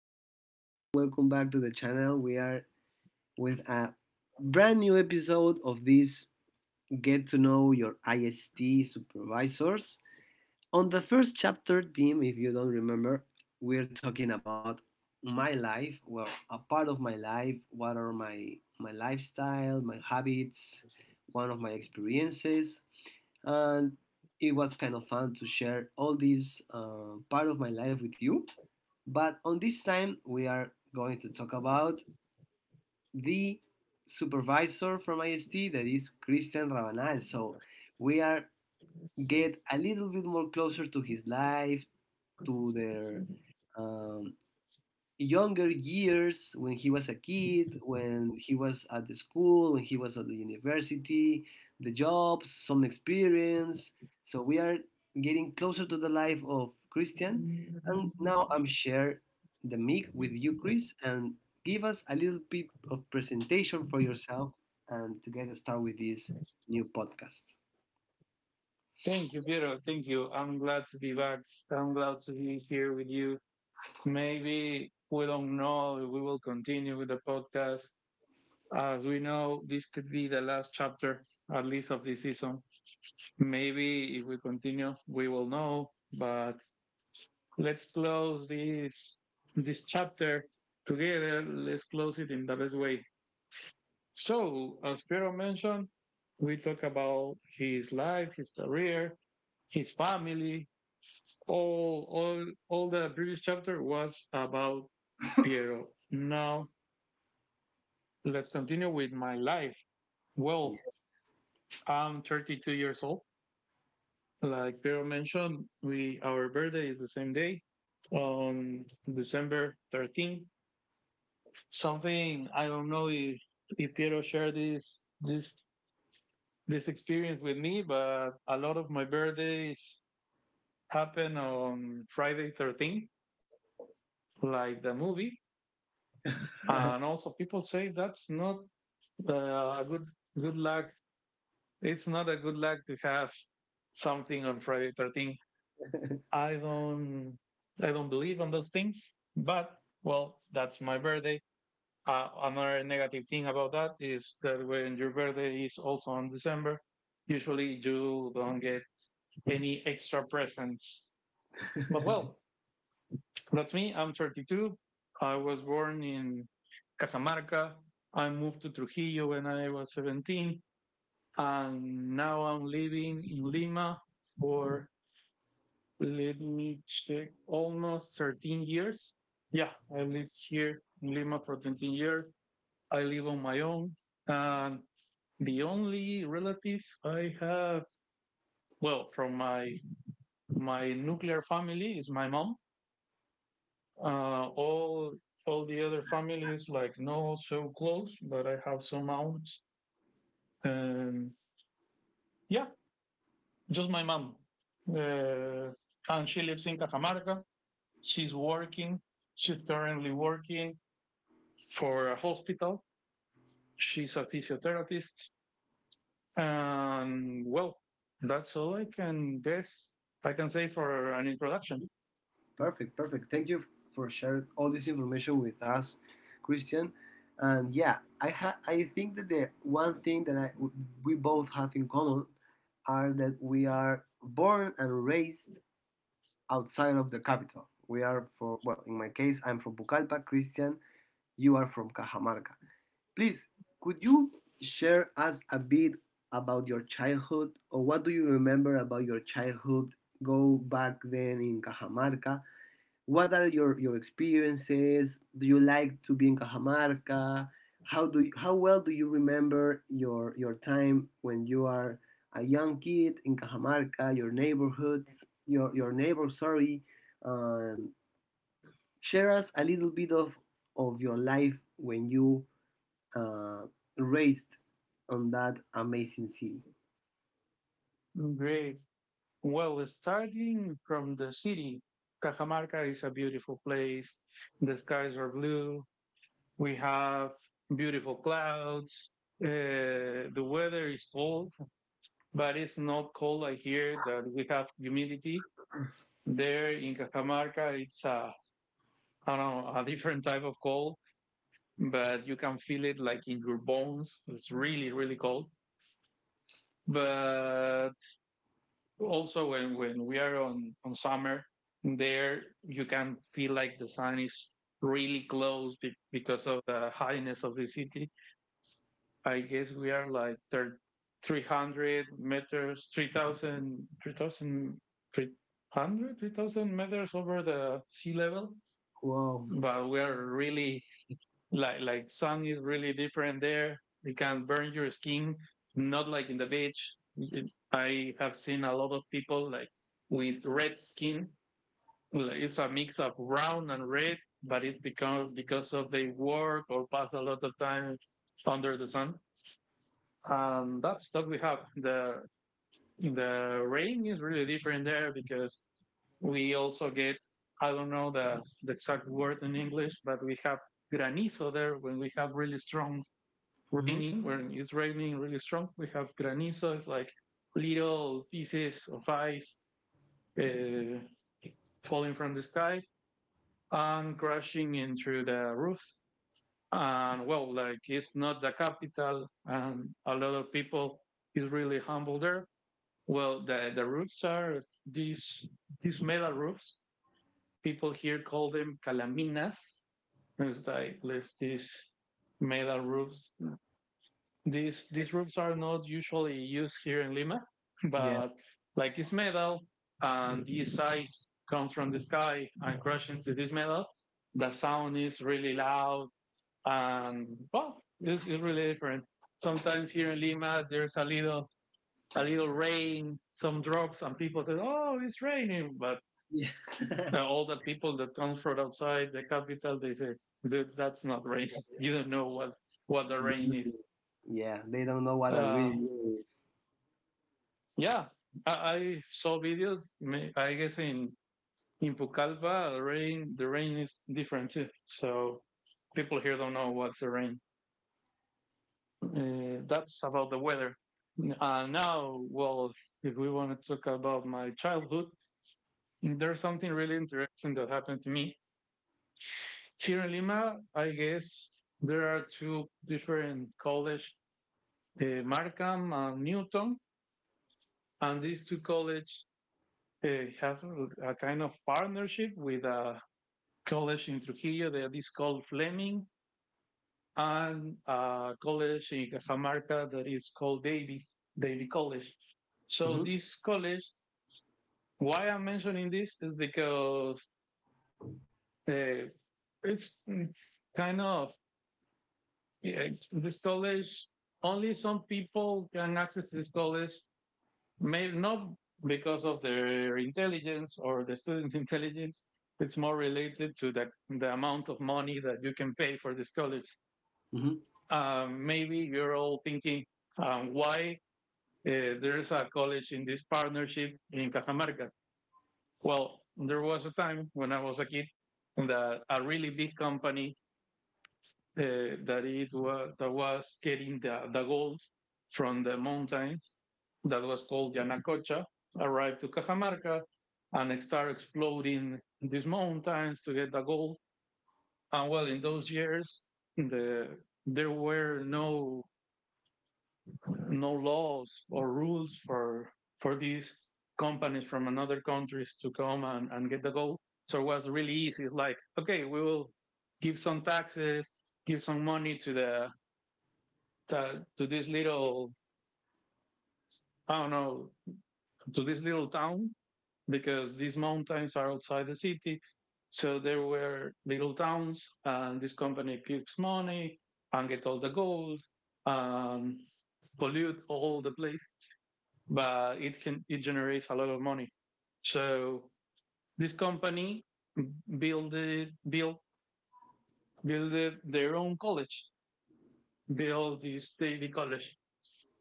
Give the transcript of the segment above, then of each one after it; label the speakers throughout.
Speaker 1: back to everyone. Welcome back to the channel. We are with a brand new episode of this Get to Know Your IST Supervisors. On the first chapter theme, if you don't remember, we're talking about my life, well, a part of my life, what are my lifestyle, my habits, one of my experiences, and it was kind of fun to share all this part of my life with you. But on this time, we are going to talk about the supervisor from IST, that is Cristian Rabanal. So we are get a little bit more closer to his life, to their um, younger years, when he was a kid, when he was at the school, when he was at the university, the jobs, some experience. So we are getting closer to the life of Christian. And now I'm share the mic with you, Chris, and give us a little bit of presentation for yourself and to get started with this new podcast.
Speaker 2: Thank you, Piero. Thank you. I'm glad to be back. I'm glad to be here with you. Maybe we don't know if we will continue with the podcast. As we know, this could be the last chapter, at least of this season. Maybe if we continue, we will know. But let's close this chapter together. Let's close it in the best way. So, as Piero mentioned, we talk about his life, his career, his family. All the previous chapter was about Piero. Now, let's continue with my life. Well, I'm 32 years old. Like Piero mentioned, we our birthday is the same day on December 13th. Something I don't know if Piero shared this experience with me, but a lot of my birthdays happen on Friday 13th, like the movie.
Speaker 1: Yeah.
Speaker 2: And also, people say that's not a good luck. It's not a good luck to have something on Friday 13th. I don't I don't believe on those things. But well, that's my birthday. Another negative thing about that is that when your birthday is also on December, usually you don't get any extra presents. But well, that's me. I'm 32. I was born in Casamarca. I moved to Trujillo when I was 17. And now I'm living in Lima for, let me check, almost 13 years. Yeah, I lived here in Lima for 13 years. I live on my own. And the only relative I have, well, from my nuclear family is my mom. Uh, all all the other families like not so close, but I have some aunts. And yeah, just my mom. Uh, and she lives in Cajamarca. She's working. She's currently working for a hospital. She's a physiotherapist. And well, that's all I can guess. I can say for an introduction.
Speaker 1: Perfect, perfect. Thank you for sharing all this information with us, Christian. And yeah, I think that the one thing that we both have in common are that we are born and raised outside of the capital. We are for Well, in my case, I'm from Pucallpa. Christian, you are from Cajamarca. Please, could you share us a bit about your childhood, or what do you remember about your childhood? Go back then in Cajamarca, what are your experiences? Do you like to be in Cajamarca? How well do you remember your time when you are a young kid in Cajamarca, your neighborhoods, your neighbor, sorry. Um, share us a little bit of your life when you uh, raised on that amazing city.
Speaker 2: Great. Well, starting from the city, Cajamarca is a beautiful place. The skies are blue. We have beautiful clouds. The weather is cold, but it's not cold. I hear that we have humidity. There in Cajamarca, it's a I don't know a different type of cold, but you can feel it like in your bones. It's really cold. But also when we are on summer there, you can feel like the sun is really close because of the highness of the city. I guess we are like thir- 300 meters 3000 3000 3000 meters over the sea level.
Speaker 1: Wow.
Speaker 2: But we are really like sun is really different there. It can burn your skin, not like in the beach. I have seen a lot of people like with red skin. Like, it's a mix of brown and red, but it becomes because of they work or pass a lot of time under the sun. And that's what we have. The rain is really different there because we also get I don't know the exact word in English, but we have granizo there when we have really strong
Speaker 1: Hmm.
Speaker 2: raining when it's raining really strong. We have granizo, it's like little pieces of ice uh, falling from the sky and crashing into the roofs. And well, like it's not the capital, and a lot of people is really humble there. Well, the roofs are these metal roofs. People here call them calaminas. It's like there's these metal roofs. These roofs are not usually used here in Lima,
Speaker 1: Yeah.
Speaker 2: but like it's metal, and this size comes from the sky and crashes into this metal. The sound is really loud. And well, it's really different. Sometimes here in Lima there's a little rain, some drops, and people say, "Oh, it's raining," but
Speaker 1: Yeah.
Speaker 2: all the people that come from outside the capital, they say, "That's not rain. You don't know what the
Speaker 1: They
Speaker 2: rain is."
Speaker 1: don't- Yeah. They don't know what a
Speaker 2: Uh,
Speaker 1: real year is.
Speaker 2: Yeah, I saw videos. I guess in Pucallpa, the rain is different too. So people here don't know what's the rain. That's about the weather. Now, well, if we want to talk about my childhood, there's something really interesting that happened to me here in Lima. I guess there are two different college, Markham and Newton, and these two colleges uh, have a kind of partnership with a college in Trujillo that is called Fleming and a college in Cajamarca that is called Davy, Davy College. So
Speaker 1: Mhm.
Speaker 2: this college, why I'm mentioning this is because uh, it's kind of, yeah, this college, only some people can access this college, May, not because of their intelligence or the student's intelligence. It's more related to the amount of money that you can pay for this college.
Speaker 1: Mhm.
Speaker 2: Maybe you're all thinking, why uh, there's a college in this partnership in Cajamarca? Well, there was a time when I was a kid that a really big company, that was getting the gold from the mountains, that was called Yanacocha, arrived to Cajamarca and started exploding these mountains to get the gold. And well, in those years, the there were no laws or rules for these companies from another countries to come and get the gold. So it was really easy. It's like, okay, we will give some taxes, give some money to this little, I don't know, to this little town because these mountains are outside the city. So there were little towns, and this company keeps money and get all the gold and pollute all the place, but it generates a lot of money. So this company built built built their own college, built this daily college.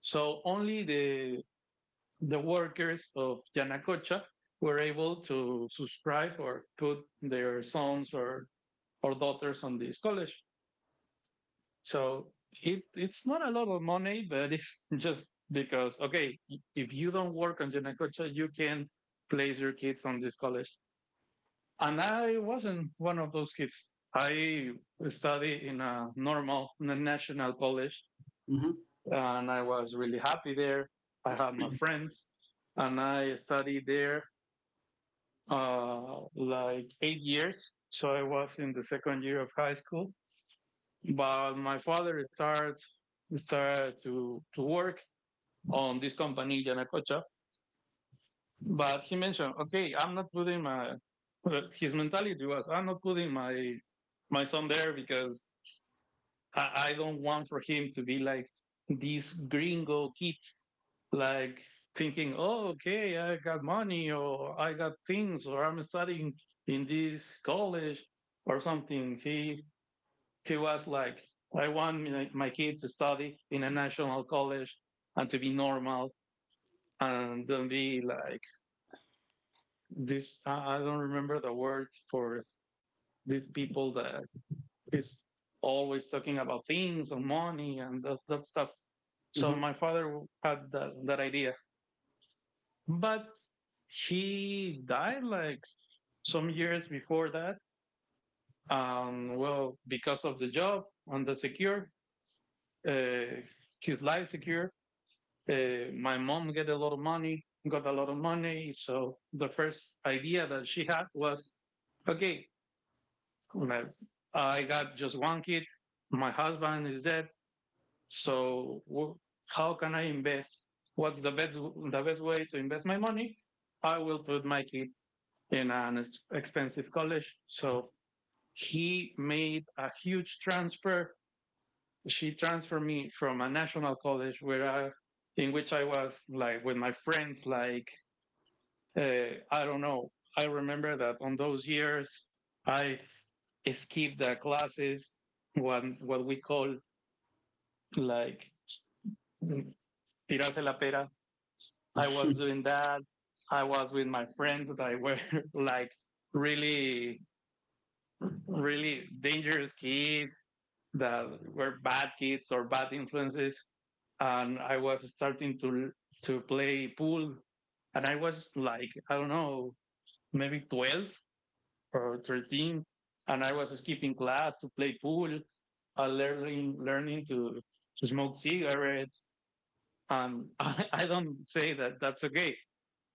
Speaker 2: So only the workers of Yanacocha were able to subscribe or put their sons or daughters on this college. So it's not a lot of money, but it's just because okay, if you don't work on Yanacocha, you can place your kids on this college. And I wasn't one of those kids. I studied in a normal in a national college,
Speaker 1: Mhm.
Speaker 2: and I was really happy there. I had my friends, and I studied there like 8 years. So I was in the second year of high school. But my father started to work on this company Yanacocha. But he mentioned, okay, I'm not putting my his mentality was, I'm not putting my son there because I don't want for him to be like this gringo kid, like thinking, oh, okay, I got money or I got things or I'm studying in this college or something. He was like, I want my kid to study in a national college and to be normal and don't be like this. I don't remember the word for these people that is always talking about things and money and that stuff. So my
Speaker 1: Mhm.
Speaker 2: father had that idea. But she died like some years before that. Well, because of the job and the secure, uh, his life secure. My mom get a lot of money, got a lot of money. So the first idea that she had was, okay, I I got just one kid. My husband is dead. So how can I invest? What's the best way to invest my money? I will put my kid in an expensive college. So he made a huge transfer. She transferred me from a national college in which I was like with my friends, like I don't know. I remember that on those years I skipped the classes, what we call like mm, tirarse la pera. I was doing that. I was with my friends that were like really, really dangerous kids that were bad kids or bad influences. And I was starting to play pool, and I was like I don't know, maybe 12 or 13, and I was skipping class to play pool, learning to smoke cigarettes. I don't say that that's okay,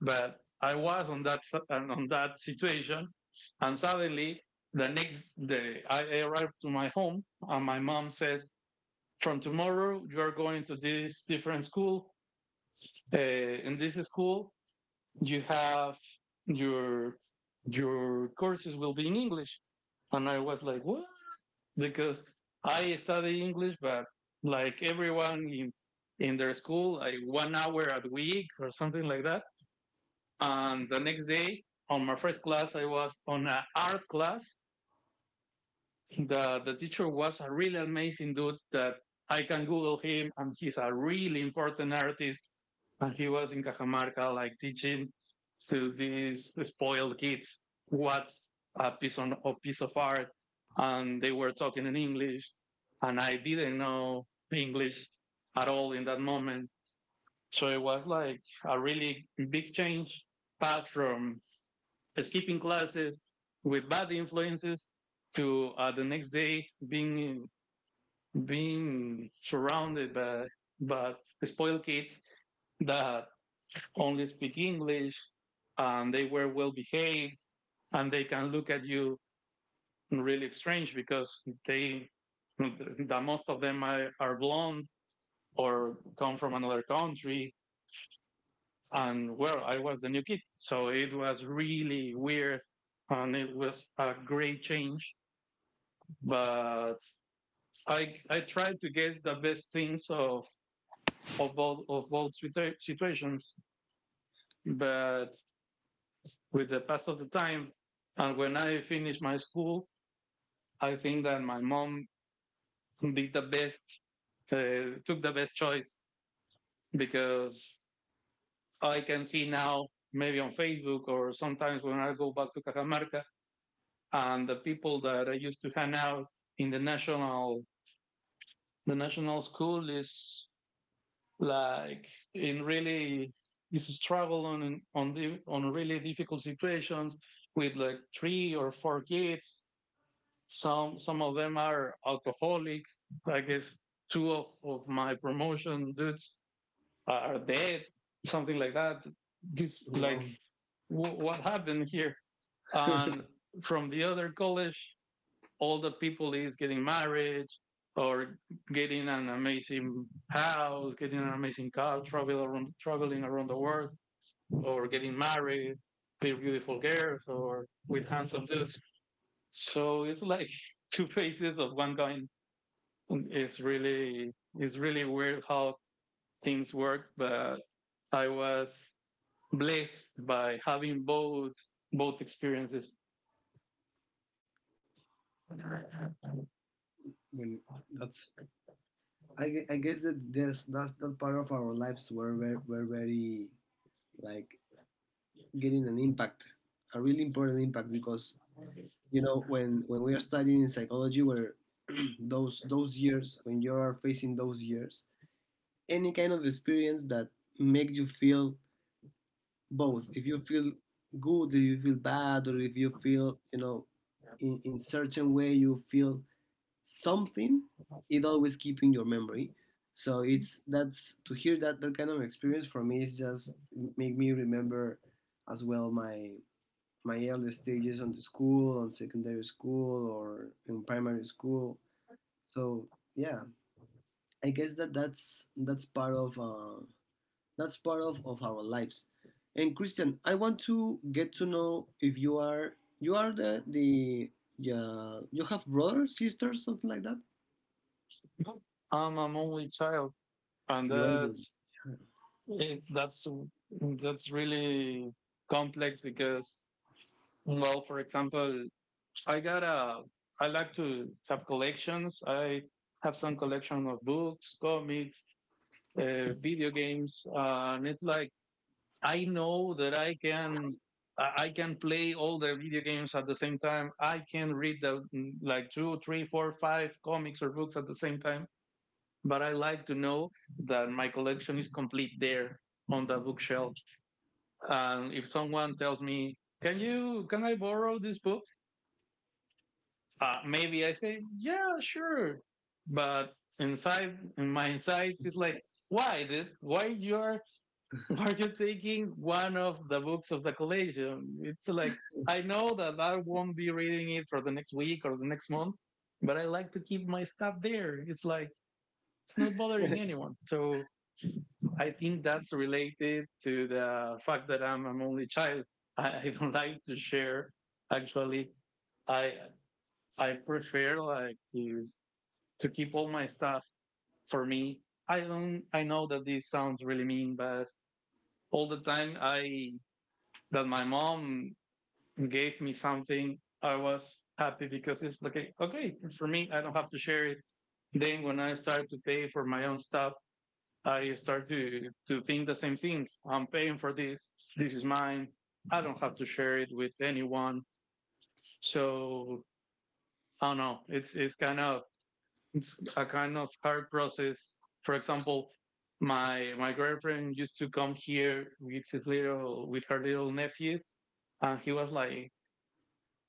Speaker 2: but I was on that situation, and suddenly the next day I arrived to my home, and my mom says, "From tomorrow, you are going to this different school. In this school, you have your your courses will be in English." And I was like, "What?" Because I study English, but like everyone in their school, like 1 hour a week or something like that. And the next day, on my first class, I was on an art class. The teacher was a really amazing dude that I can Google him, and he's a really important artist. And he was in Cajamarca, like teaching to these spoiled kids what's a piece of art, and they were talking in English, and I didn't know English at all in that moment. So it was like a really big change, path from skipping classes with bad influences to the next day being surrounded by by spoiled kids that only speak English, and they were well behaved and they can look at you really strange because they that most of them are blonde or come from another country. And well, I was the new kid, so it was really weird. And it was a great change, but I try to get the best things of all of all situations. But with the pass of the time, and when I finished my school, I think that my mom did the best, took the best choice, because I can see now maybe on Facebook or sometimes when I go back to Cajamarca, and the people that I used to hang out in the national, the national school, is like in really, is struggle on the, on really difficult situations with like three or four kids. Some of them are alcoholic. I guess two of my promotion dudes are dead, something like that. This like
Speaker 1: Wow.
Speaker 2: what happened here? And from the other college, older people is getting married, or getting an amazing house, getting an amazing car, travel around, traveling around the world, or getting married with beautiful girls or with handsome dudes. So it's like two faces of one coin. It's really, it's really weird how things work, but I was blessed by having both experiences.
Speaker 1: When that's I guess that this that that part of our lives were very like getting an impact, a really important impact. Because you know, when we are studying in psychology where those years, when you are facing those years, any kind of experience that make you feel, both if you feel good, if you feel bad, or if you feel, you know, in certain way you feel something, it always keep in your memory. So it's, that's to hear that, that kind of experience for me is just make me remember as well my early stages on the school, on secondary school or in primary school. So yeah, I guess that that's part of that's part of our lives. And Christian, I want to get to know if you are you are the yeah, you have brothers, sisters, something like that.
Speaker 2: I'm an only child, and
Speaker 1: You
Speaker 2: that's
Speaker 1: are
Speaker 2: it, that's really complex because, well, for example, I got a, I like to have collections. I have some collection of books, comics, video games, and it's like, I know that I can I can play all the video games at the same time. I can read the, like two, three, four, five comics or books at the same time. But I like to know that my collection is complete there on the bookshelf. And if someone tells me, "Can you? Can I borrow this book?" Maybe I say, "Yeah, sure," but inside, in my insights, it's like, "Why? Did, why you are? Why are you taking one of the books of the collection?" It's like, I know that I won't be reading it for the next week or the next month, but I like to keep my stuff there. It's like it's not bothering
Speaker 1: the
Speaker 2: anyone. So I think that's related to the fact that I'm an only child. I don't like to share. Actually, I I prefer like to keep all my stuff for me. I don't. I know that this sounds really mean, but all the time I that my mom gave me something, I was happy because it's like, okay for me. I don't have to share it. Then when I started to pay for my own stuff, I start to think the same thing. I'm paying for this. This is mine. I don't have to share it with anyone. So I don't know. It's kind of, it's a kind of hard process. For example, my girlfriend used to come here with his little with her little nephews, and he was like,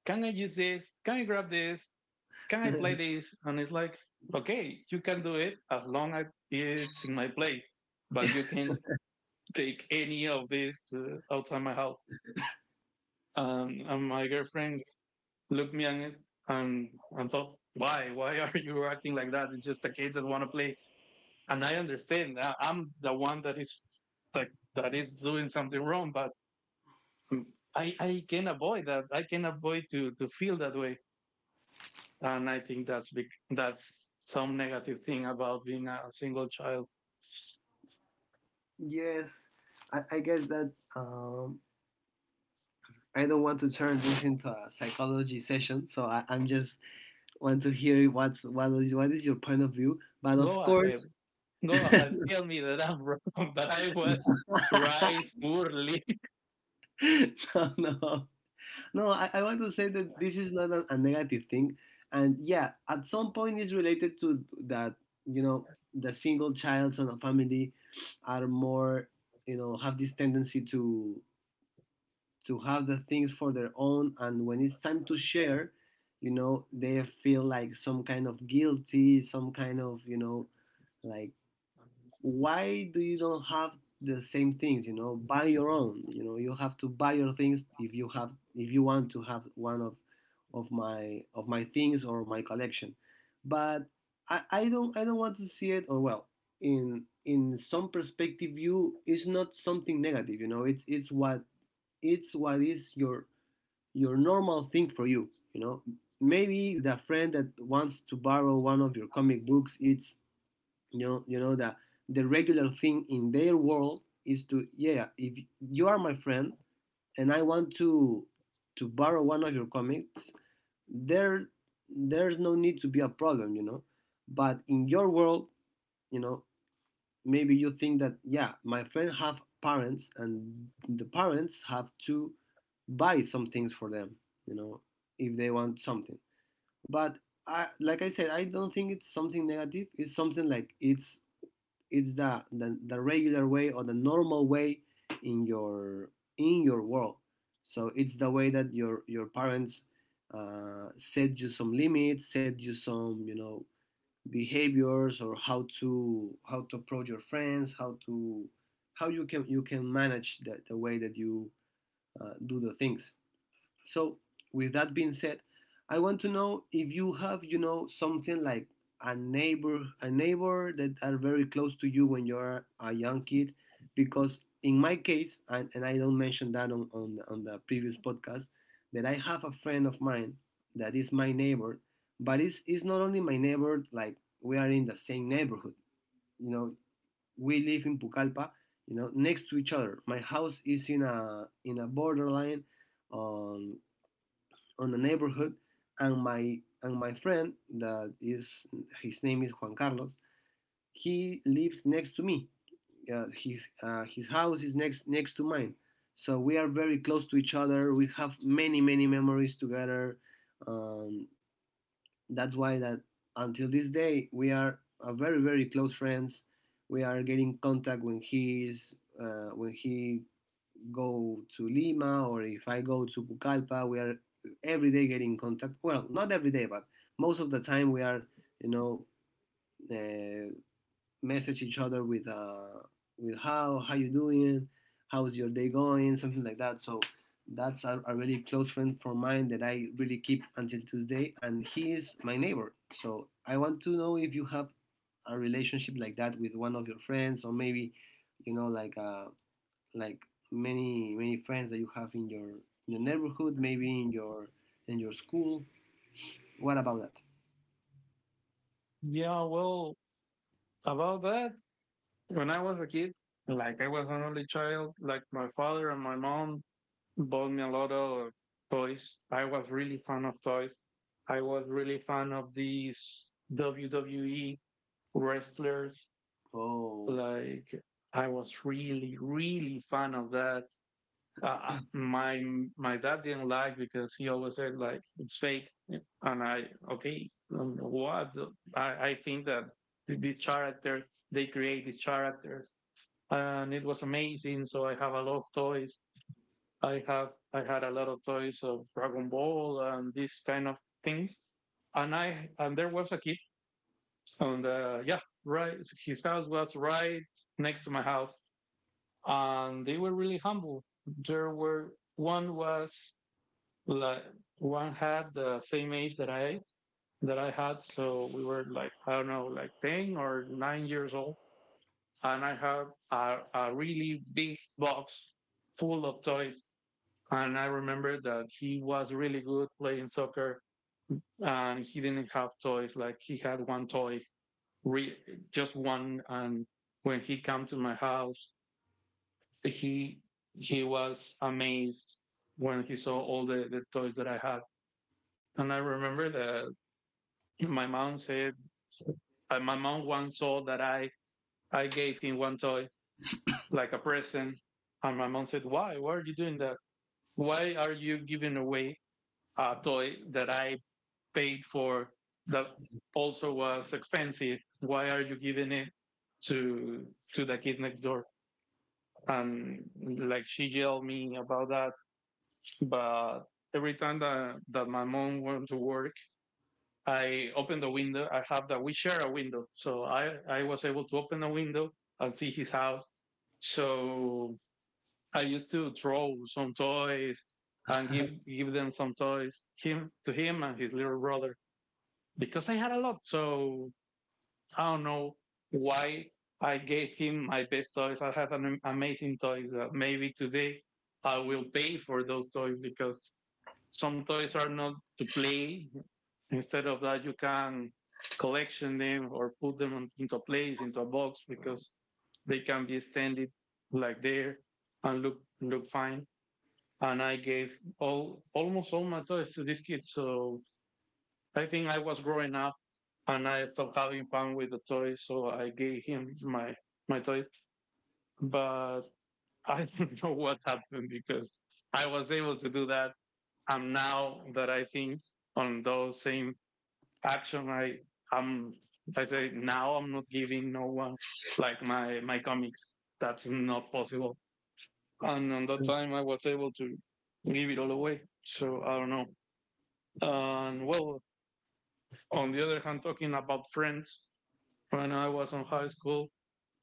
Speaker 2: "Can I use this? Can I grab this? Can I play this?" And it's like, "Okay, you can do it as long as it's in my place, but you can take any of this outside my house." And my girlfriend looked me in it and, thought, why? Why are you acting like that? It's just a kid that want to play. And I understand. I'm the one that is that is doing something wrong, but I can avoid that. I can avoid to feel that way. And I think that's big, that's some negative thing about being a single child.
Speaker 1: Yes, I guess that I don't want to turn this into a psychology session, so I'm just want to hear what's what is your point of view. But
Speaker 2: Go
Speaker 1: of
Speaker 2: ahead.
Speaker 1: course.
Speaker 2: Go ahead.
Speaker 1: No,
Speaker 2: Tell me that I'm wrong, that I was raised poorly.
Speaker 1: no, no. I want to say that this is not a negative thing, and yeah, at some point it's related to that. You know, the single childs on a family are more, you know, have this tendency to have the things for their own. And when it's time to share, you know, they feel like some kind of guilty, some kind of, you know, like, why do you don't have the same things? You know, buy your own. You know, you have to buy your things if you have if you want to have one of of my things or my collection. But I don't I don't want to see it. Or well, in some perspective view, it's not something negative, you know. It's it's what is your normal thing for you, you know. Maybe the friend that wants to borrow one of your comic books, it's, you know, you know that the regular thing in their world is to, yeah, if you are my friend and I want to borrow one of your comics, there, there's no need to be a problem, you know. But in your world, you know, maybe you think that, yeah, my friend have parents and the parents have to buy some things for them, you know, if they want something. But like I said, I don't think it's something negative. It's something like, it's the the regular way or the normal way in your world. So it's the way that your parents set you some limits, set you some, you know, behaviors, or how to approach your friends, how to how you can manage the way that you do the things. So, with that being said, I want to know if you have, you know, something like a neighbor that are very close to you when you're a young kid. Because in my case, and I don't mention that on, on the previous podcast, that I have a friend of mine that is my neighbor, but it's not only my neighbor, like we are in the same neighborhood. You know, we live in Pucallpa, you know, next to each other. My house is in a borderline on the neighborhood. And my, and my friend that is, his name is Juan Carlos. He lives next to me. His his house is next to mine, so we are very close to each other. We have many many memories together. Um, that's why that until this day we are a very very close friends. We are getting contact when he is, when he go to Lima, or if I go to Pucallpa, we are every day getting in contact. Well, not every day, but most of the time we are, you know, uh, message each other with how you doing, how's your day going, something like that. So that's a really close friend from mine that I really keep until Tuesday, and he is my neighbor. So I want to know if you have a relationship like that with one of your friends, or maybe, you know, like a like, many many friends that you have in your neighborhood, maybe in your school. What about that?
Speaker 2: Yeah, well, about that, when I was a kid, like I was an only child, like my father and my mom bought me a lot of toys. I was really fan of toys. I was really fan of these WWE wrestlers.
Speaker 1: Oh.
Speaker 2: Like I was really, really fan of that. uh, uh, my my dad didn't like because he always said like it's fake, and I, okay, what, I, I think that the characters, they create these characters, and it was amazing. So I have a lot of toys. I had a lot of toys of Dragon Ball and these kind of things. And I and there was a kid, and right his house was right next to my house, and they were really humble. There were one was like, one had the same age that I had, so we were like I don't know, like 10 or 9 years old, and I had a really big box full of toys, and I remember that he was really good playing soccer, and he didn't have toys, like he had one toy, re- just one, and when he came to my house, he he was amazed when he saw all the toys that I had. And I remember that my mom said, my mom once saw that I gave him one toy like a present, and my mom said, "Why? Why are you doing that? Why are you giving away a toy that I paid for, that also was expensive? Why are you giving it to the kid next door?" And like she yelled me about that, but every time that, that my mom went to work, I opened the window. I have that we share a window, so I was able to open the window and see his house. So I used to throw some toys and give them some toys him and his little brother because I had a lot. So I don't know why I gave him my best toys. I had an amazing toys that maybe today I will pay for those toys because some toys are not to play. Instead of that, you can collection them or put them into a place, into a box, because they can be extended like there and look fine. And I gave all almost all my toys to these kids. So I think I was growing up and I stopped having fun with the toys, so I gave him my my toy. But I don't know what happened because I was able to do that. And now that I think on those same action, I, i'm I say now I'm not giving no one like my comics, that's not possible. And on that time I was able to give it all away, so I don't know. And well, on the other hand, talking about friends, when I was in high school,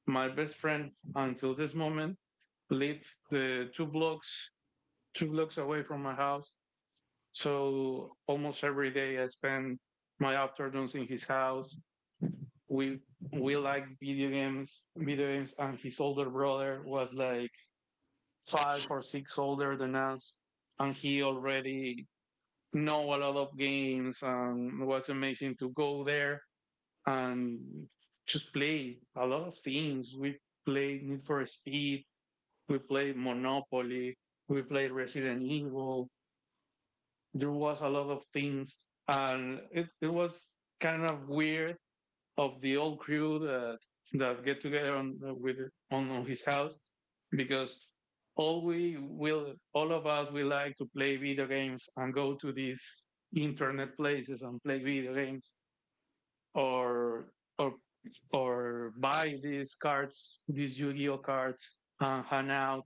Speaker 2: my best friend until this moment lived the two blocks, two blocks away from my house, so almost every day I spend my afternoons in his house. We, like video games, and his older brother was like five or six older than us, and he already know a lot of games, and it was amazing to go there and just play a lot of things. We played Need for Speed, we played Monopoly, we played Resident Evil. There was a lot of things, and it was kind of weird of the old crew that get together on with on his house because all of us, we like to play video games and go to these internet places and play video games or or or buy these cards, these Yu-Gi-Oh cards, and hang out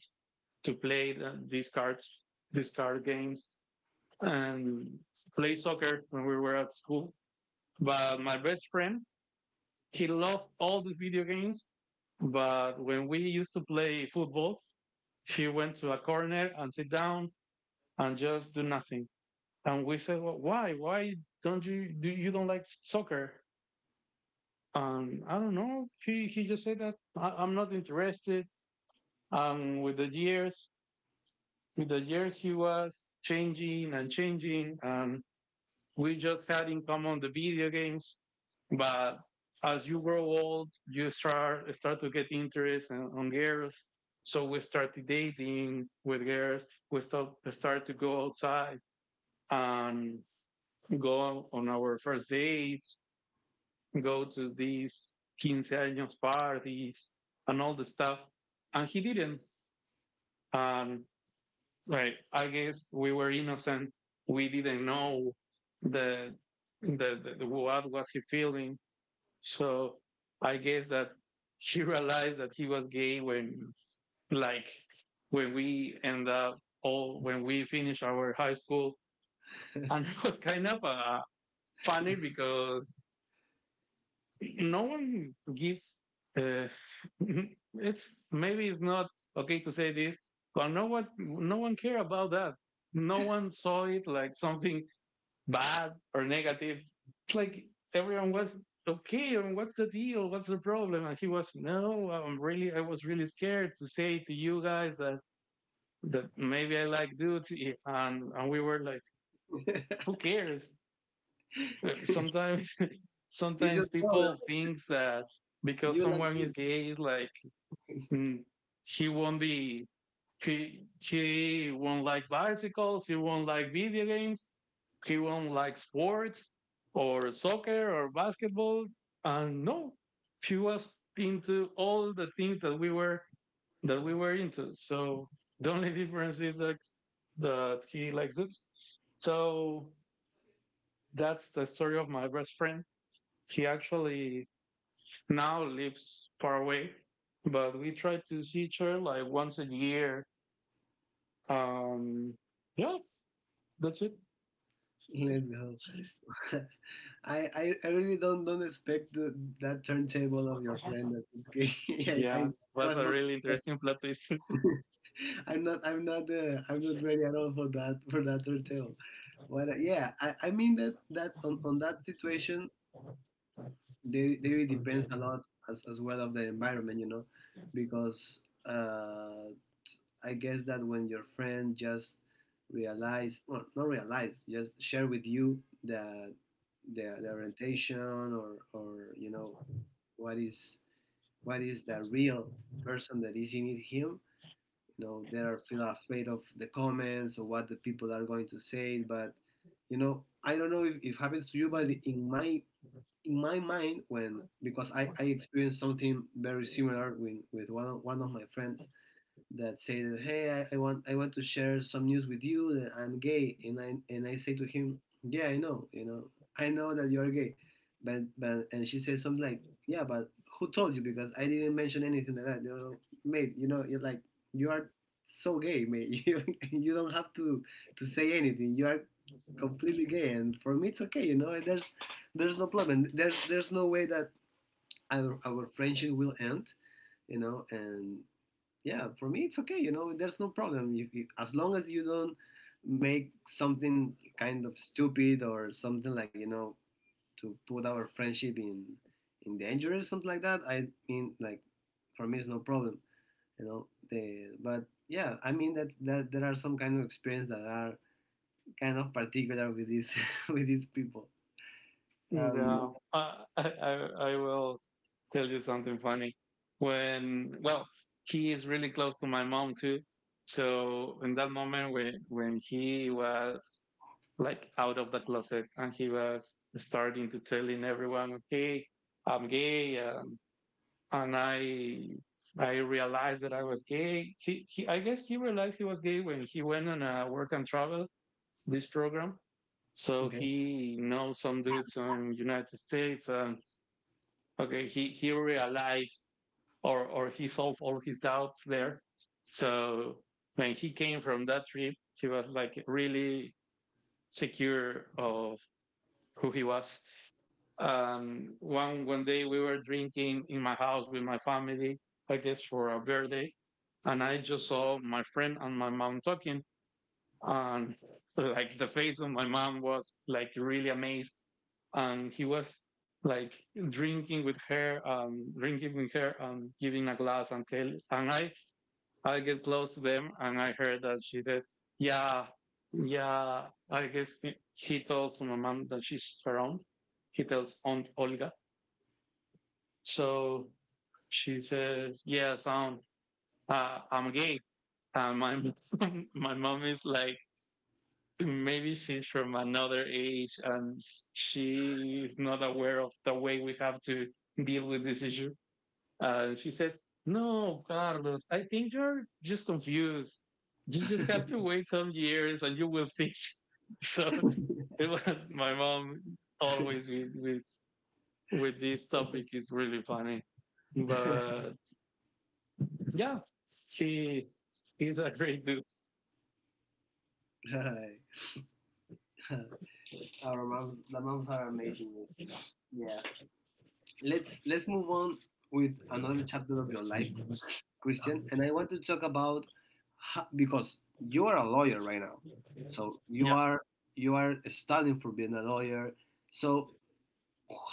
Speaker 2: to play these cards, these card games, and play soccer when we were at school. But my best friend, he loved all the video games, but when we used to play football, he went to a corner and sit down and just do nothing. And we said, well, why? Why don't you do, you don't like soccer? I don't know. He just said that I, am not interested. With the years, with the years he was changing and changing. We just had in common the video games. But as you grow old, you start to get interest in, on girls. So we started dating with girls. We start to go outside and go on our first dates, go to these quince años parties and all the stuff. And he didn't. And like I guess we were innocent. We didn't know the the what was he feeling. So I guess that he realized that he was gay when, like, when we finish our high school, and it was kind of funny because no one gives. Uh, it's maybe it's not okay to say this, but no one care about that. No one saw it like something bad or negative. It's like everyone was okay. And what's the deal? What's the problem? And he was, no, I was really scared to say to you guys that maybe I like dudes. And we were like, who cares? Sometimes
Speaker 1: It's your
Speaker 2: sometimes
Speaker 1: problem.
Speaker 2: people think that because
Speaker 1: You like
Speaker 2: someone is
Speaker 1: youth.
Speaker 2: gay, like, mm, he won't be he won't like bicycles. He won't like video games. He won't like sports or soccer or basketball. And no, she was into all the things that we were into. So the only difference is that he likes it. So that's the story of my best friend. He actually now lives far away, but we try to see each other like once a year. Um, yeah, that's it.
Speaker 1: Let's go. I really don't expect that turntable of your friend that it's gay. I
Speaker 2: Yeah, was
Speaker 1: was
Speaker 2: a
Speaker 1: not.
Speaker 2: really interesting plot twist.
Speaker 1: I'm not, I'm not ready at all for that, for that turntable. But yeah, I mean that that on that situation, they really depends a lot as well of the environment, you know. Because uh, I guess that when your friend just realize, well, not realize, just share with you the the orientation, or, you know, what is what is the real person that is in it him, you know, they are feel afraid of the comments or what the people are going to say. But, you know, I don't know if it happens to you, but in my mind, when, because I experienced something very similar with one of my friends that say that, hey, I want, I want to share some news with you that I'm gay. And I, and I say to him, yeah, I know, you know, I know that you're gay. But, and she says something like, yeah, but who told you? Because I didn't mention anything like that, you know, mate. You know, you're like, you are so gay, mate. You don't have to say anything, you are completely gay, and for me it's okay. You know, there's no problem. There's no way that our friendship will end, you know. And yeah, for me it's okay, you know, there's no problem. You, as long as you don't make something kind of stupid or something like, you know, to put our friendship in danger or something like that. I mean, like, for me, it's no problem, you know. The But yeah, I mean that, that there are some kind of experience that are kind of particular with these, with these people. um
Speaker 2: Yeah, I, I I will tell you something funny. When Well, he is really close to my mom too. So in that moment when he was like out of the closet and he was starting to telling everyone, "Okay, I'm gay," and I realized that I was gay. He I guess he realized he was gay when he went on a work and travel this program. So
Speaker 1: okay.
Speaker 2: he knows some dudes in United States, and okay, he realized or he solved all his doubts there. So when he came from that trip, he was like really secure of who he was. One day we were drinking in my house with my family, I guess for a birthday, and I just saw my friend and my mom talking, and like the face of my mom was like really amazed, and he was like drinking with her and giving a glass. Until, and I get close to them, and I heard that she said, yeah, yeah, I guess he tells my mom that she's around. He tells Aunt Olga. So she says, yes, aunt, I'm gay. And my my mom is like, maybe she's from another age and she is not aware of the way we have to deal with this issue. She said, "No, Carlos, I think you're just confused. You just have to wait some years and you will fix it." So it was my mom. Always with this topic is really funny. But yeah, she is a great dude.
Speaker 1: Our moms, the moms are amazing. Yeah. Let's move on with another chapter of your life, Christian. And I want to talk about, because you are a lawyer right now. So you
Speaker 2: Yeah.
Speaker 1: are, you are studying for being a lawyer. So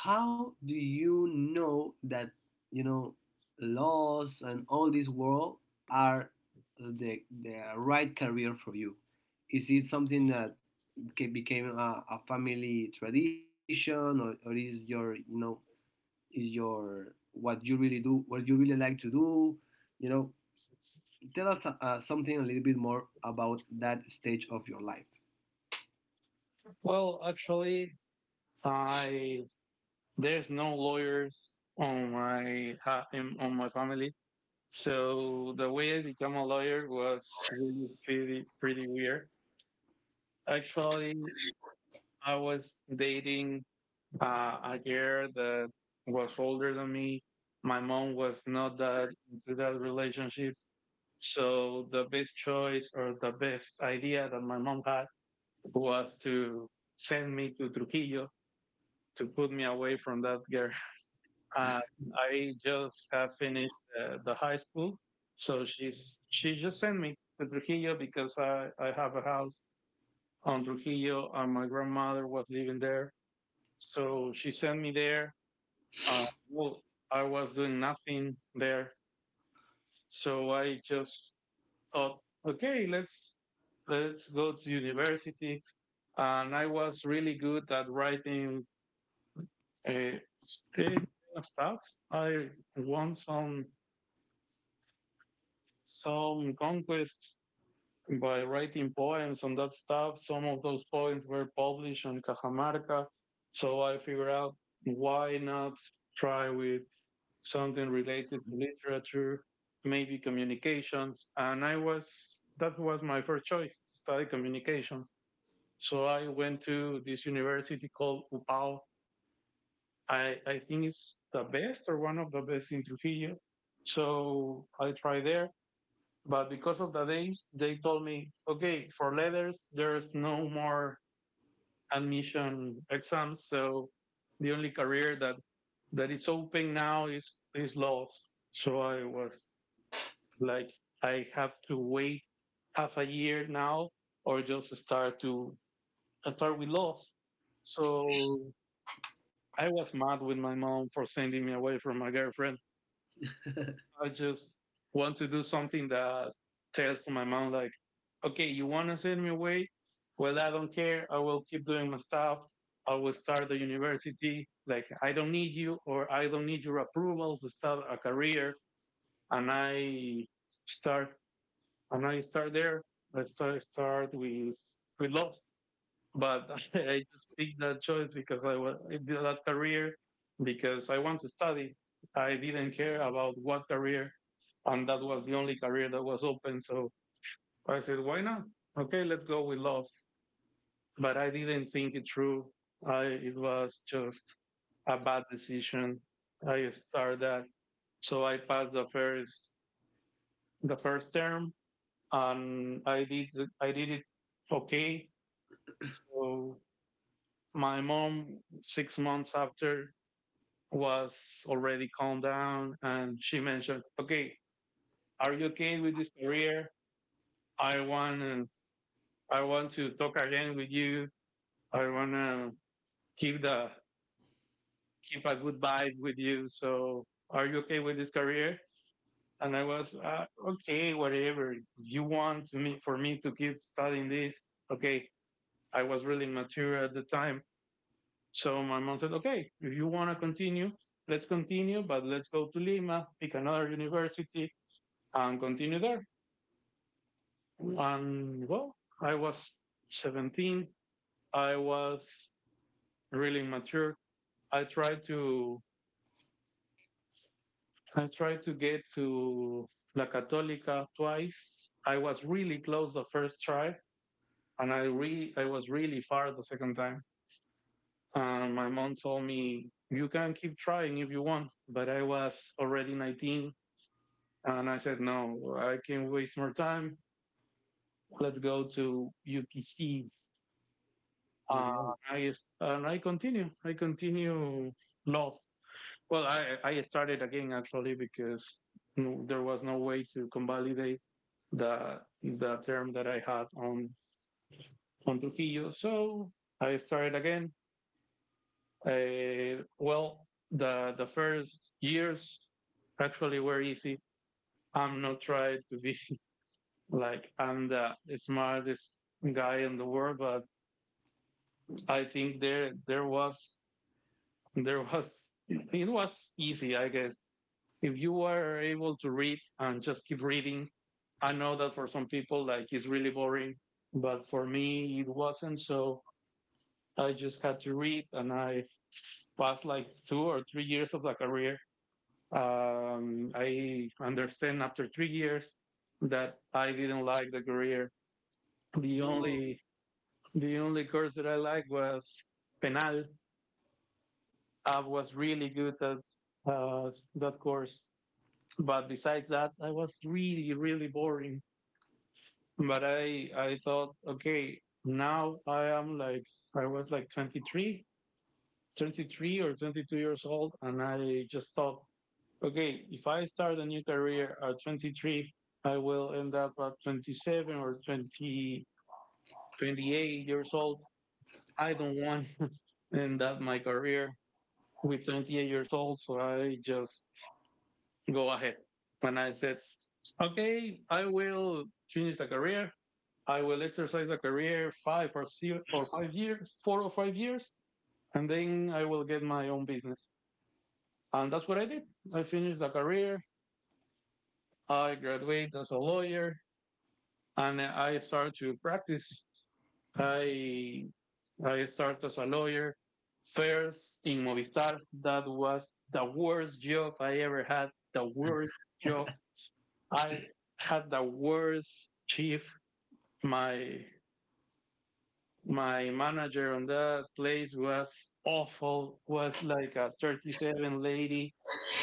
Speaker 1: how do you know that, you know, laws and all this world are the right career for you? Is it something that became a family tradition, or is your, you know, is your, what you really do, what you really like to do. You know, tell us something a little bit more about that stage of your life.
Speaker 2: Well, actually, I there's no lawyers on my family, so the way I became a lawyer was really pretty weird. Actually, I was dating a girl that was older than me. My mom was not that into that relationship, so the best choice or the best idea that my mom had was to send me to Trujillo to put me away from that girl. Um, I just have finished the high school, so she just sent me to Trujillo, because I have a house on Trujillo and my grandmother was living there, so she sent me there. Well, I was doing nothing there, so I just thought, okay, let's go to university, and I was really good at writing. Uh, Kind of stuff. I won some conquests by writing poems on that stuff. Some of those poems were published on Cajamarca. So I figured out, why not try with something related to literature, maybe communications? And that was my first choice, to study communications. So I went to this university called UPAO. I think it's the best or one of the best in Trujillo. So I tried there. But because of the days, they told me, okay, for letters, there's no more admission exams. So the only career that is open now is law. So I was like, I have to wait half a year now, or just start with law. So I was mad with my mom for sending me away from my girlfriend. I just want to do something that tells my mom like, okay, you want to send me away? Well, I don't care. I will keep doing my stuff. I will start the university. Like, I don't need you, or I don't need your approval to start a career. And start, I start there. I start with love, but I just picked that choice because I was that career because I want to study. I didn't care about what career, and that was the only career that was open. So I said, why not? Okay, let's go with love, but I didn't think it through. It was just a bad decision. I started that. So I passed the first term, and I did it okay. So my mom, 6 months after, was already calmed down, and she mentioned, "Okay, are you okay with this career? I want I want to talk again with you. I wanna keep the keep a good vibe with you. So are you okay with this career?" And I was, okay, whatever you want to me, for me to keep studying this. Okay, I was really immature at the time, so my mom said, okay, if you want to continue, let's continue, but let's go to Lima, pick another university, and continue there. And well, I was 17. I was really immature. I tried to I tried to get to La Católica twice. I was really close the first try, and I was really far the second time. And my mom told me, "You can keep trying if you want," but I was already 19, and I said, "No, I can't waste more time. Let's go to UPC." Uh,
Speaker 1: Let's go.
Speaker 2: I I continue. I continue law. Well, I started again actually, because there was no way to convalidate the term that I had on Trujillo. So I started again. Well, the first years actually were easy. I'm not trying to be like I'm the smartest guy in the world, but I think there was it was easy, I guess. If you are able to read and just keep reading, I know that for some people like it's really boring, but for me it wasn't. So I just had to read, and I passed like 2 or 3 years of the career. I understand after 3 years that I didn't like the career. The
Speaker 1: No.
Speaker 2: only the only course that I liked was penal. I was really good at that course, but besides that, I was really really boring. But I thought, okay, now I was like 23, 33, or 22 years old, and I just thought, okay, if I start a new career at 23, I will end up at 27, or 20, 28 years old. I don't want to end up my career with 28 years old, so I just go ahead. And I said, okay, I will finish the career. I will exercise the career five or, 6, or 5 years, 4 or 5 years, and then I will get my own business. And that's what I did. I finished the career. I graduated as a lawyer and I started to practice. I, I started as a lawyer first in Movistar. That was the worst job I ever had. The worst job. I had the worst chief. My my manager on that place was awful. Was like a 37 lady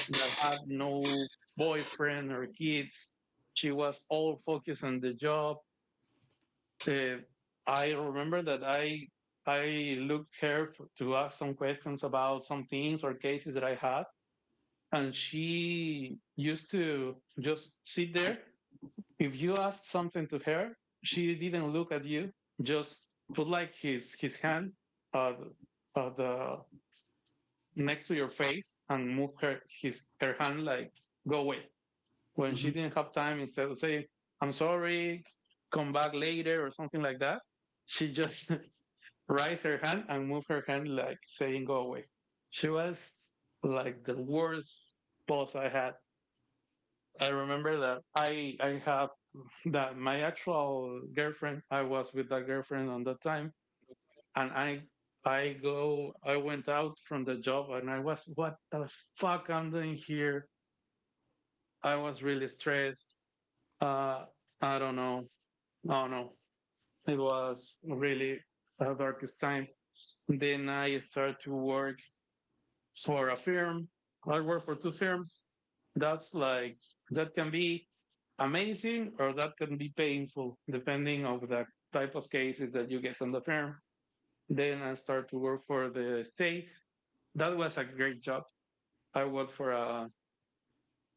Speaker 2: that had no boyfriend or kids. She was all focused on the job. Uh, I remember that I looked to ask some questions about some things or cases that I had, and she used to just sit there. If you asked something to her, she didn't look at you. Just put like his hand, uh, the next to your face, and move her hand like go away, when she
Speaker 1: Hmm.
Speaker 2: didn't have time, instead of saying, "I'm sorry, come back later," or something like that. She just raised her hand and moved her hand like saying go away. She was like the worst boss I had. I remember that I have that, my actual girlfriend, I was with that girlfriend on that time, and I went out from the job, and I was, what the fuck I'm doing here. I was really stressed. Uh I don't know. Oh no, it was really the darkest time. Then I started to work for a firm. I worked for two firms. That's like that can be amazing or that can be painful depending on the type of cases that you get on the firm. Then I started to work for the state. That was a great job. I worked for a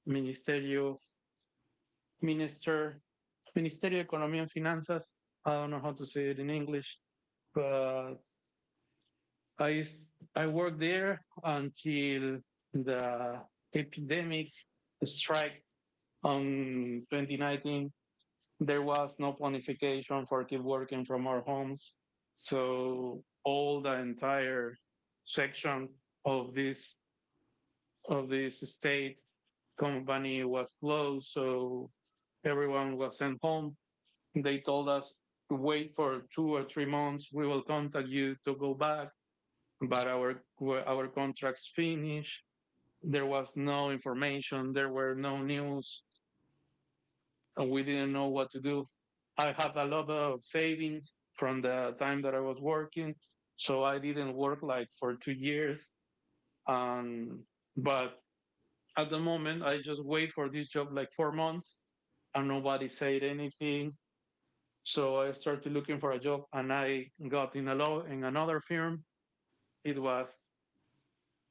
Speaker 2: ministerio, minister, Ministerio de Economía y Finanzas. I don't know how to say it in English, but I worked there until the epidemic strike on 2019. There was no planification for keep working from our homes. So all the entire section of this state company was closed. So everyone was sent home. They told us to wait for 2 or 3 months. We will contact you to go back but our contracts finished. There was no information. There were no news, and we didn't know what to do. I had a lot of savings from the time that I was working, so I didn't work like for 2 years. Um, but at the moment, I just wait for this job like 4 months, and nobody said anything. So I started looking for a job, and I got in a law in another firm. It was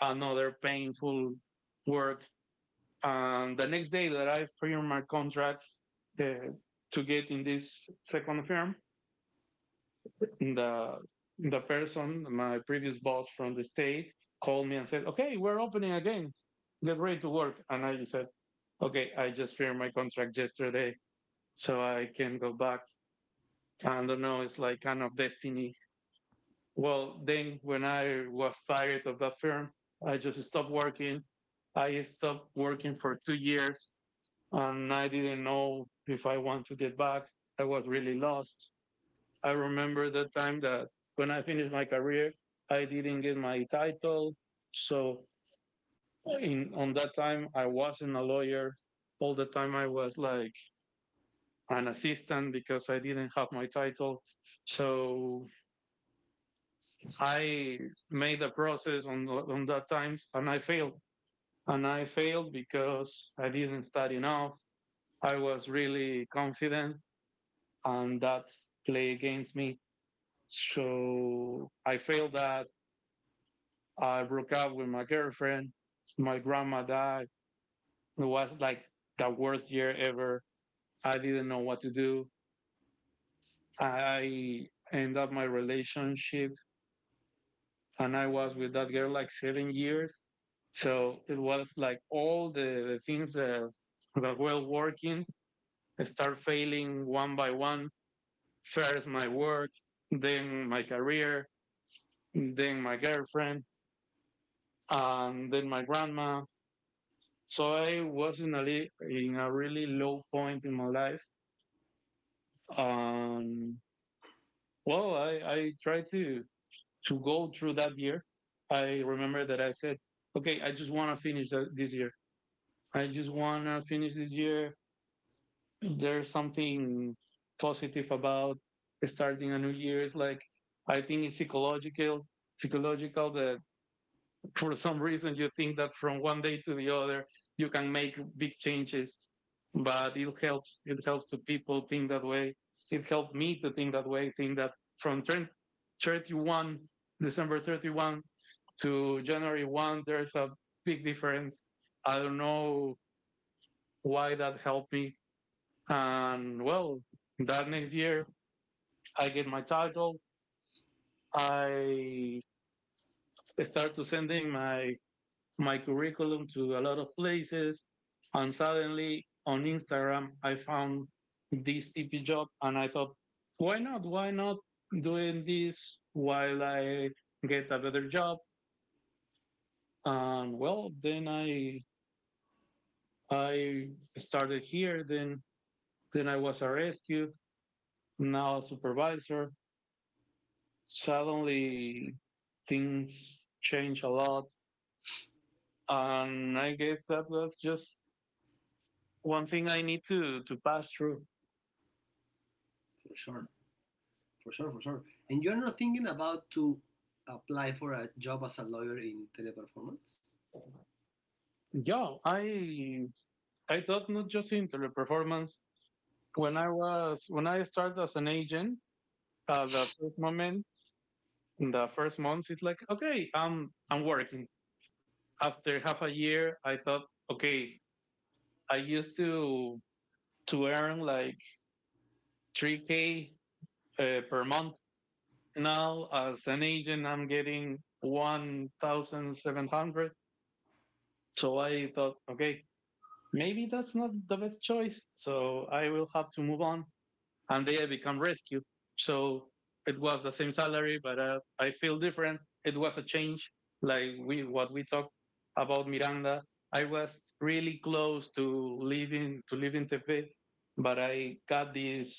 Speaker 2: another painful work. And the next day that I firmed my contract uh, to get in this second firm, the the person, my previous boss from the state, called me and said, "Okay, we're opening again. Get ready to work." And I said, "Okay, I just firmed my contract yesterday, so I can go back." I don't know. It's like kind of destiny. Well, then when I was tired of that firm, I just stopped working. I stopped working for 2 years and I didn't know if I want to get back. I was really lost. I remember the time that when I finished my career, I didn't get my title. So in on that time, I wasn't a lawyer. All the time, I was like an assistant because I didn't have my title. So I made a process on that times, and I failed. And I failed because I didn't study enough. I was really confident and that play against me. So I failed that. I broke up with my girlfriend. My grandma died. It was like the worst year ever. I didn't know what to do. I ended up my relationship and I was with that girl like 7 years. So it was like all the things that were working start failing one by one. First my work, then my career, then my girlfriend, and then my grandma. So I was in a really low point in my life. Um, well, I tried to go through that year. I remember that I said, okay, I just want to finish that this year. I just want to finish this year. There's something positive about starting a new year. It's like I think it's psychological, psychological that for some reason you think that from one day to the other you can make big changes but it helps to people think that way. It helped me to think that way, think that from 31 december 31 to january 1 there's a big difference. I don't know why that helped me. And well, that next year I get my title. I start to sending my curriculum to a lot of places. And suddenly on Instagram, I found this TP job and I thought, why not? Why not doing this while I get a better job? And well, then I started here. Then I was arrested. Now a supervisor. Suddenly things change a lot, and I guess that was just one thing I need to pass through.
Speaker 1: For sure, for sure, for sure. And you're not thinking about to apply for a job as a lawyer in teleperformance.
Speaker 2: Yeah, I thought not just in teleperformance. When I started as an agent, the first moment, in the first months, it's like okay, I'm working. After half a year, I thought okay, I used to earn like 3K per month. Now as an agent, I'm getting 1,700. So I thought okay, maybe that's not the best choice. So I will have to move on. And they had become rescue. So it was the same salary, but I feel different. It was a change, like we what we talked about Miranda. I was really close to leaving Tepe, but I got this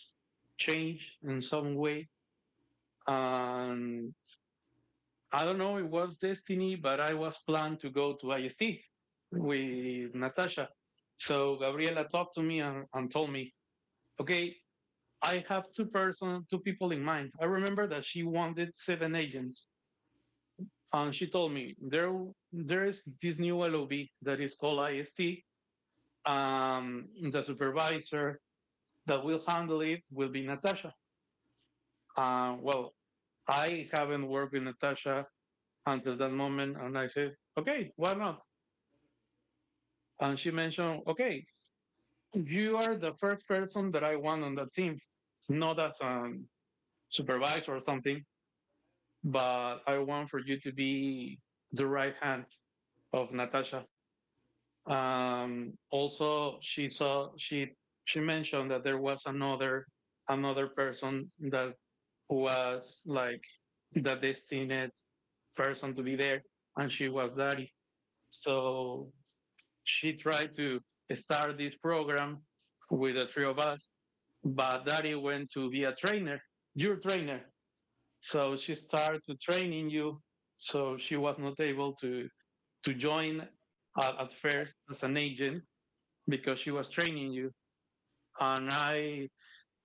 Speaker 2: change in some way, and I don't know. It was destiny, but I was planned to go to IST with Natasha. So Gabriela talked to me and told me, okay, I have two people in mind. I remember that she wanted 7 agents, and she told me there is this new LOB that is called IST. The supervisor that will handle it will be Natasha. Well, I haven't worked with Natasha until that moment, and I said, okay, why not? And she mentioned, okay, you are the first person that I want on that team, not as a supervisor or something. But I want for you to be the right hand of Natasha. Also, she she mentioned that there was another person that was like the destined person to be there, and she was Daddy. So she tried to start this program with the three of us, but Daddy went to be a trainer, your trainer, so she started training you. So she was not able to join at first as an agent because she was training you. And I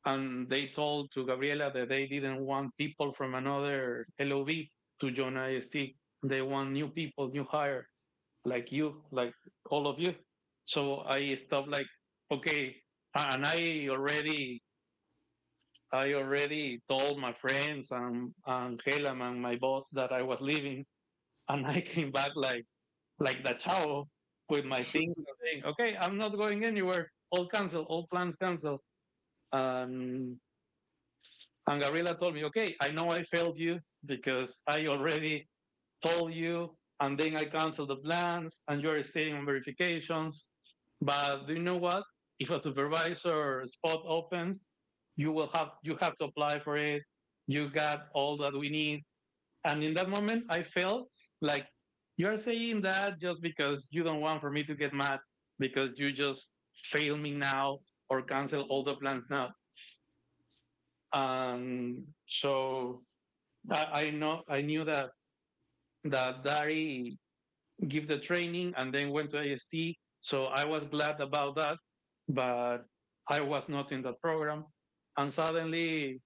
Speaker 2: and they told to Gabriela that they didn't want people from another LOB to join IST. They want new people, new hire, like you, like all of you. So I stopped like, okay, and I already told my friends and Helam and my boss that I was leaving. And I came back like the chao with my things saying, okay, I'm not going anywhere. All cancel, all plans cancel. Um, and Gabriela told me, okay, I know I failed you because I already told you, and then I canceled the plans, and you're staying on verifications. But do you know what? If a supervisor spot opens, you have to apply for it. You got all that we need. And in that moment, I felt like you are saying that just because you don't want for me to get mad because you just fail me now or cancel all the plans now. So I know I knew that Dari give the training and then went to IST. So I was glad about that, but I was not in that program. And suddenly,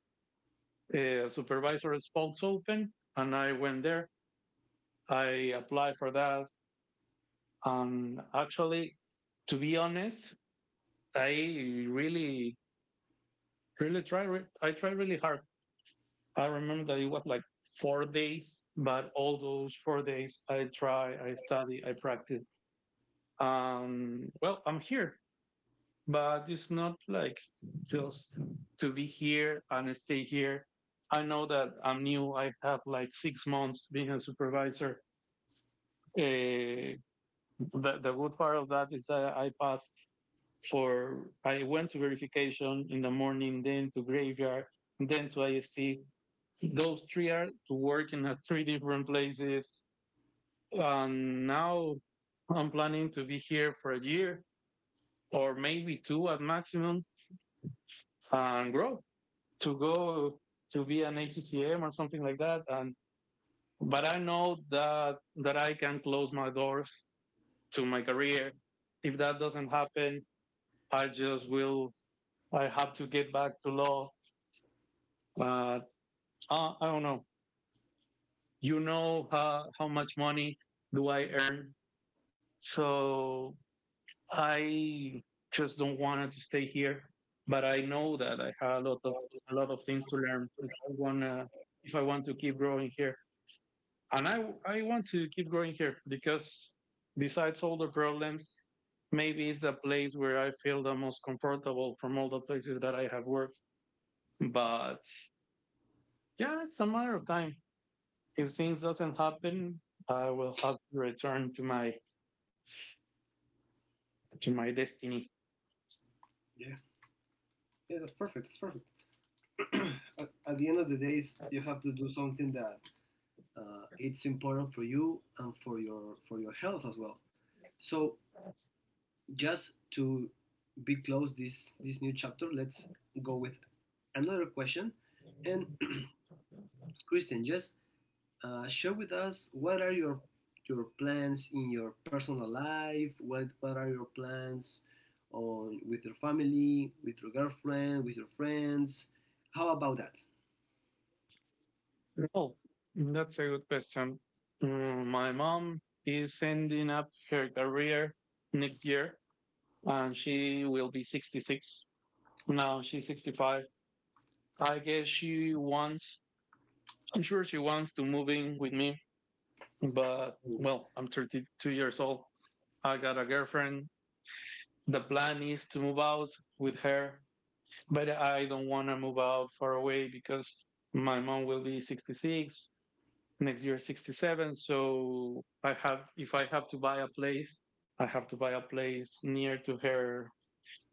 Speaker 2: supervisor spokes open, and I went there. I applied for that. Actually, to be honest, I really, really try. I try really hard. I remember that it was like 4 days, but all those 4 days, I try, I study, I practice. Well, I'm here, but it's not like just to be here and stay here. I know that I'm new. I have like 6 months being a supervisor. Uh, the good part of that is that I pass for I went to verification in the morning, then to graveyard, then to IST. Those three are to work in three different places. And now I'm planning to be here for a year or maybe two at maximum and grow to go to be an ACTM or something like that. And but I know that I can close my doors to my career. If that doesn't happen, I just will. I have to get back to law uh, I don't know. You know how much money do I earn, so I just don't want to stay here. But I know that I have a lot of things to learn if I want to keep growing here, and I want to keep growing here because besides all the problems, maybe it's the place where I feel the most comfortable from all the places that I have worked. But yeah, it's a matter of time. If things doesn't happen, I will have to return to my destiny.
Speaker 1: Yeah, yeah, that's perfect. That's perfect. At the end of the days, you have to do something that it's important for you and for your health as well. So, just to be close this this new chapter, let's go with another question. And Christian, just share with us what are your plans in your personal life. What are your plans on with your family, with your girlfriend, with your friends? How about that?
Speaker 2: Oh, that's a good question. Mm, my mom is ending up her career next year, and she will be 66. Now she's 65. I guess she wants. I'm sure she wants to move in with me, but
Speaker 1: Mm.
Speaker 2: well, I'm 32 years old. I got a girlfriend. The plan is to move out with her but I don't want to move out far away because my mom will be 66 next year, 67, so I have if I have to buy a place I have to buy a place near to her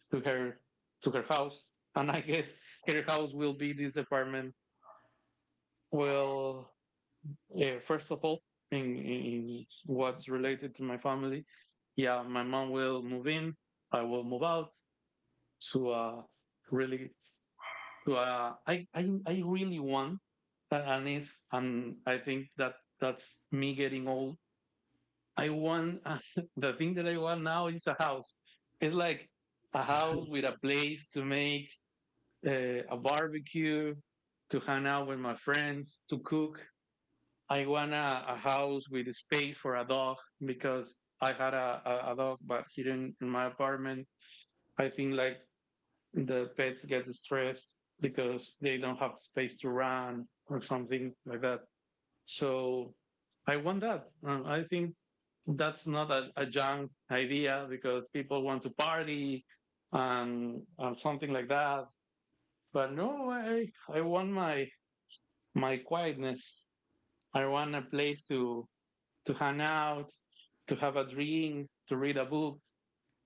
Speaker 2: to her to her house and I guess her house will be this apartment. Well, yeah, first of all, in what's related to my family, yeah my mom will move in. I will move out to a really to I really want a- and is and I think that that's me getting old. I want the thing that I want now is a house. It's like a house with a place to make a barbecue, to hang out with my friends, to cook. I want a house with a space for a dog because I had a dog, but here in my apartment, I think like the pets get stressed because they don't have space to run or something like that. So I want that. I think that's not a junk idea because people want to party and something like that. But no, I want my my quietness. I want a place to hang out, to have a drink, to read a book.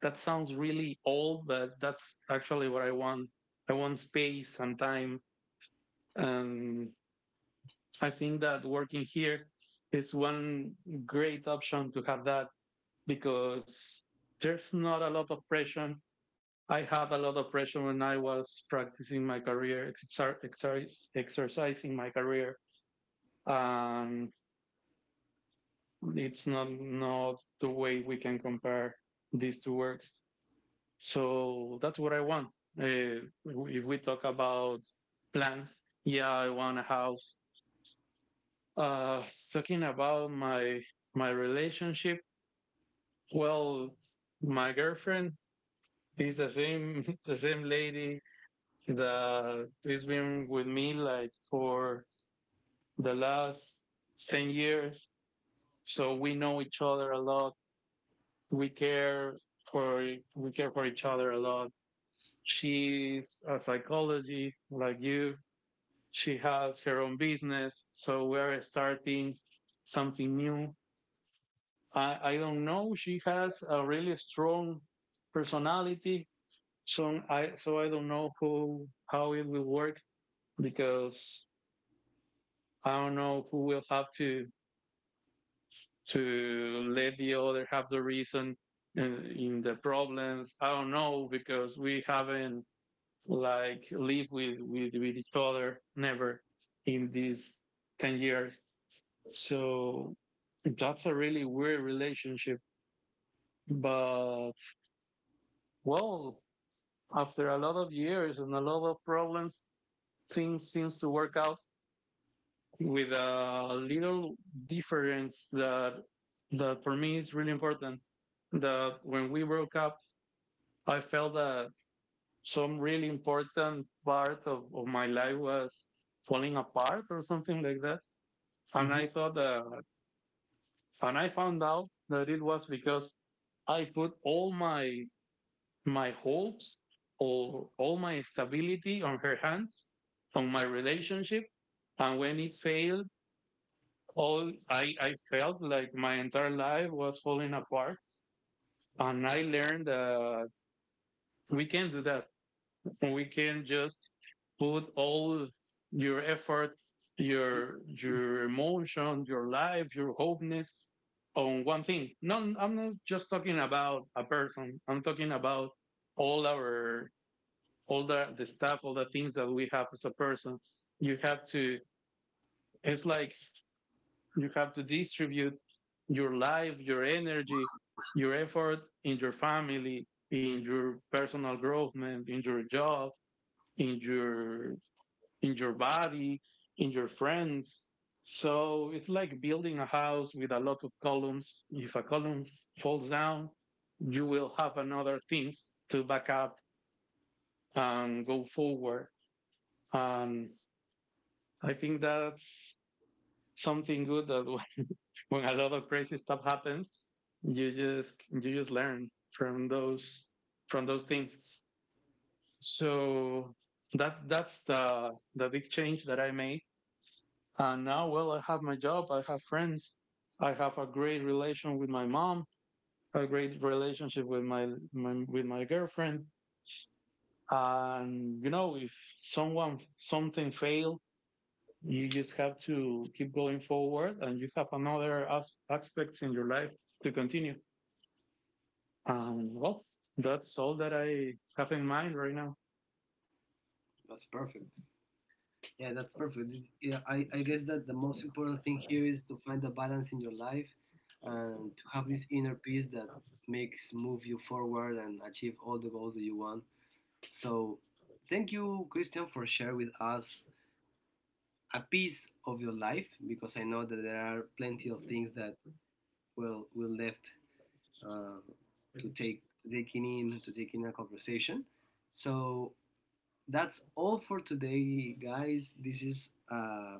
Speaker 2: That sounds really old, but that's actually what I want. I want space and time. And I think that working here is one great option to have that because there's not a lot of pressure. I had a lot of pressure when I was practicing my career, exercising my career. And it's not the way we can compare these two works. So that's what I want. If we talk about plans, yeah, I want a house. Uh, talking about my relationship, well, my girlfriend is the same the same lady that has been with me like for the last 10 years. So we know each other a lot. We care for we care for each other a lot. She's a psychology like you. She has her own business, so we're starting something new. I don't know. She has a really strong personality, so I don't know who how it will work because I don't know who will have to let the other have the reason in the problems. I don't know because we haven't like lived with each other never in these 10 years. So that's a really weird relationship. But well, after a lot of years and a lot of problems, things seems to work out with a little difference that that for me is really important. That when we broke up, I felt that some really important part of my life was falling apart or something like that. And I
Speaker 1: Mhm.
Speaker 2: thought that, and I found out that it was because I put all my my hopes or all my stability on her hands, on my relationship. And when it failed, all I felt like my entire life was falling apart. And I learned that we can not do that. We can just put all your effort, your emotion, your life, your hopeness on one thing. No, I'm not just talking about a person. I'm talking about all our all the stuff, all the things that we have as a person. You have to, it's like you have to distribute your life, your energy, your effort in your family, in your personal growth, man, in your job, in your in your body, in your friends. So it's like building a house with a lot of columns. If a column falls down, you will have another things to back up and go forward. And I think that's something good that when, when a lot of crazy stuff happens, you just learn from those things. So that's the big change that I made. And now, well, I have my job, I have friends, I have a great relation with my mom, a great relationship with my, my with my girlfriend. And you know, if someone something fail, you just have to keep going forward and you have another aspects in your life to continue. And well, that's all that I have in mind right now.
Speaker 1: That's perfect. Yeah, that's perfect. This- yeah, I guess that the most important thing here is to find a balance in your life and to have this inner peace that makes move you forward and achieve all the goals that you want. So thank you, Christian, for sharing with us a piece of your life, because I know that there are plenty of things that will left uh, to take, to taking in, to take in a conversation. So that's all for today, guys. This is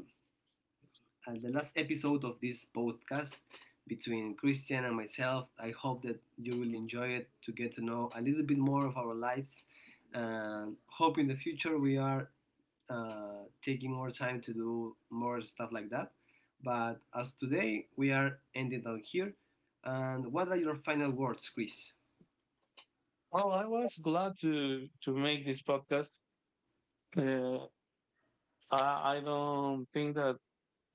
Speaker 1: at the last episode of this podcast between Christian and myself. I hope that you will enjoy it to get to know a little bit more of our lives. And hope in the future we are taking more time to do more stuff like that. But as today, we are ending out here. And what are your final words, Chris?
Speaker 2: Oh, I was glad to make this podcast. Uh, I don't think that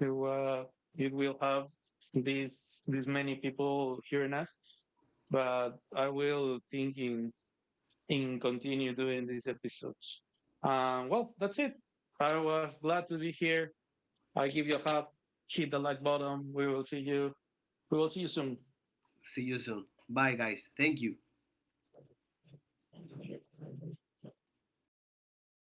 Speaker 2: it, wa it will have these these many people hearing us, but I will think in continue doing these episodes. Well, that's it. I was glad to be here. I give you a hug, hit the like button. We will see you. We will see you soon.
Speaker 1: See you soon. Bye, guys. Thank you.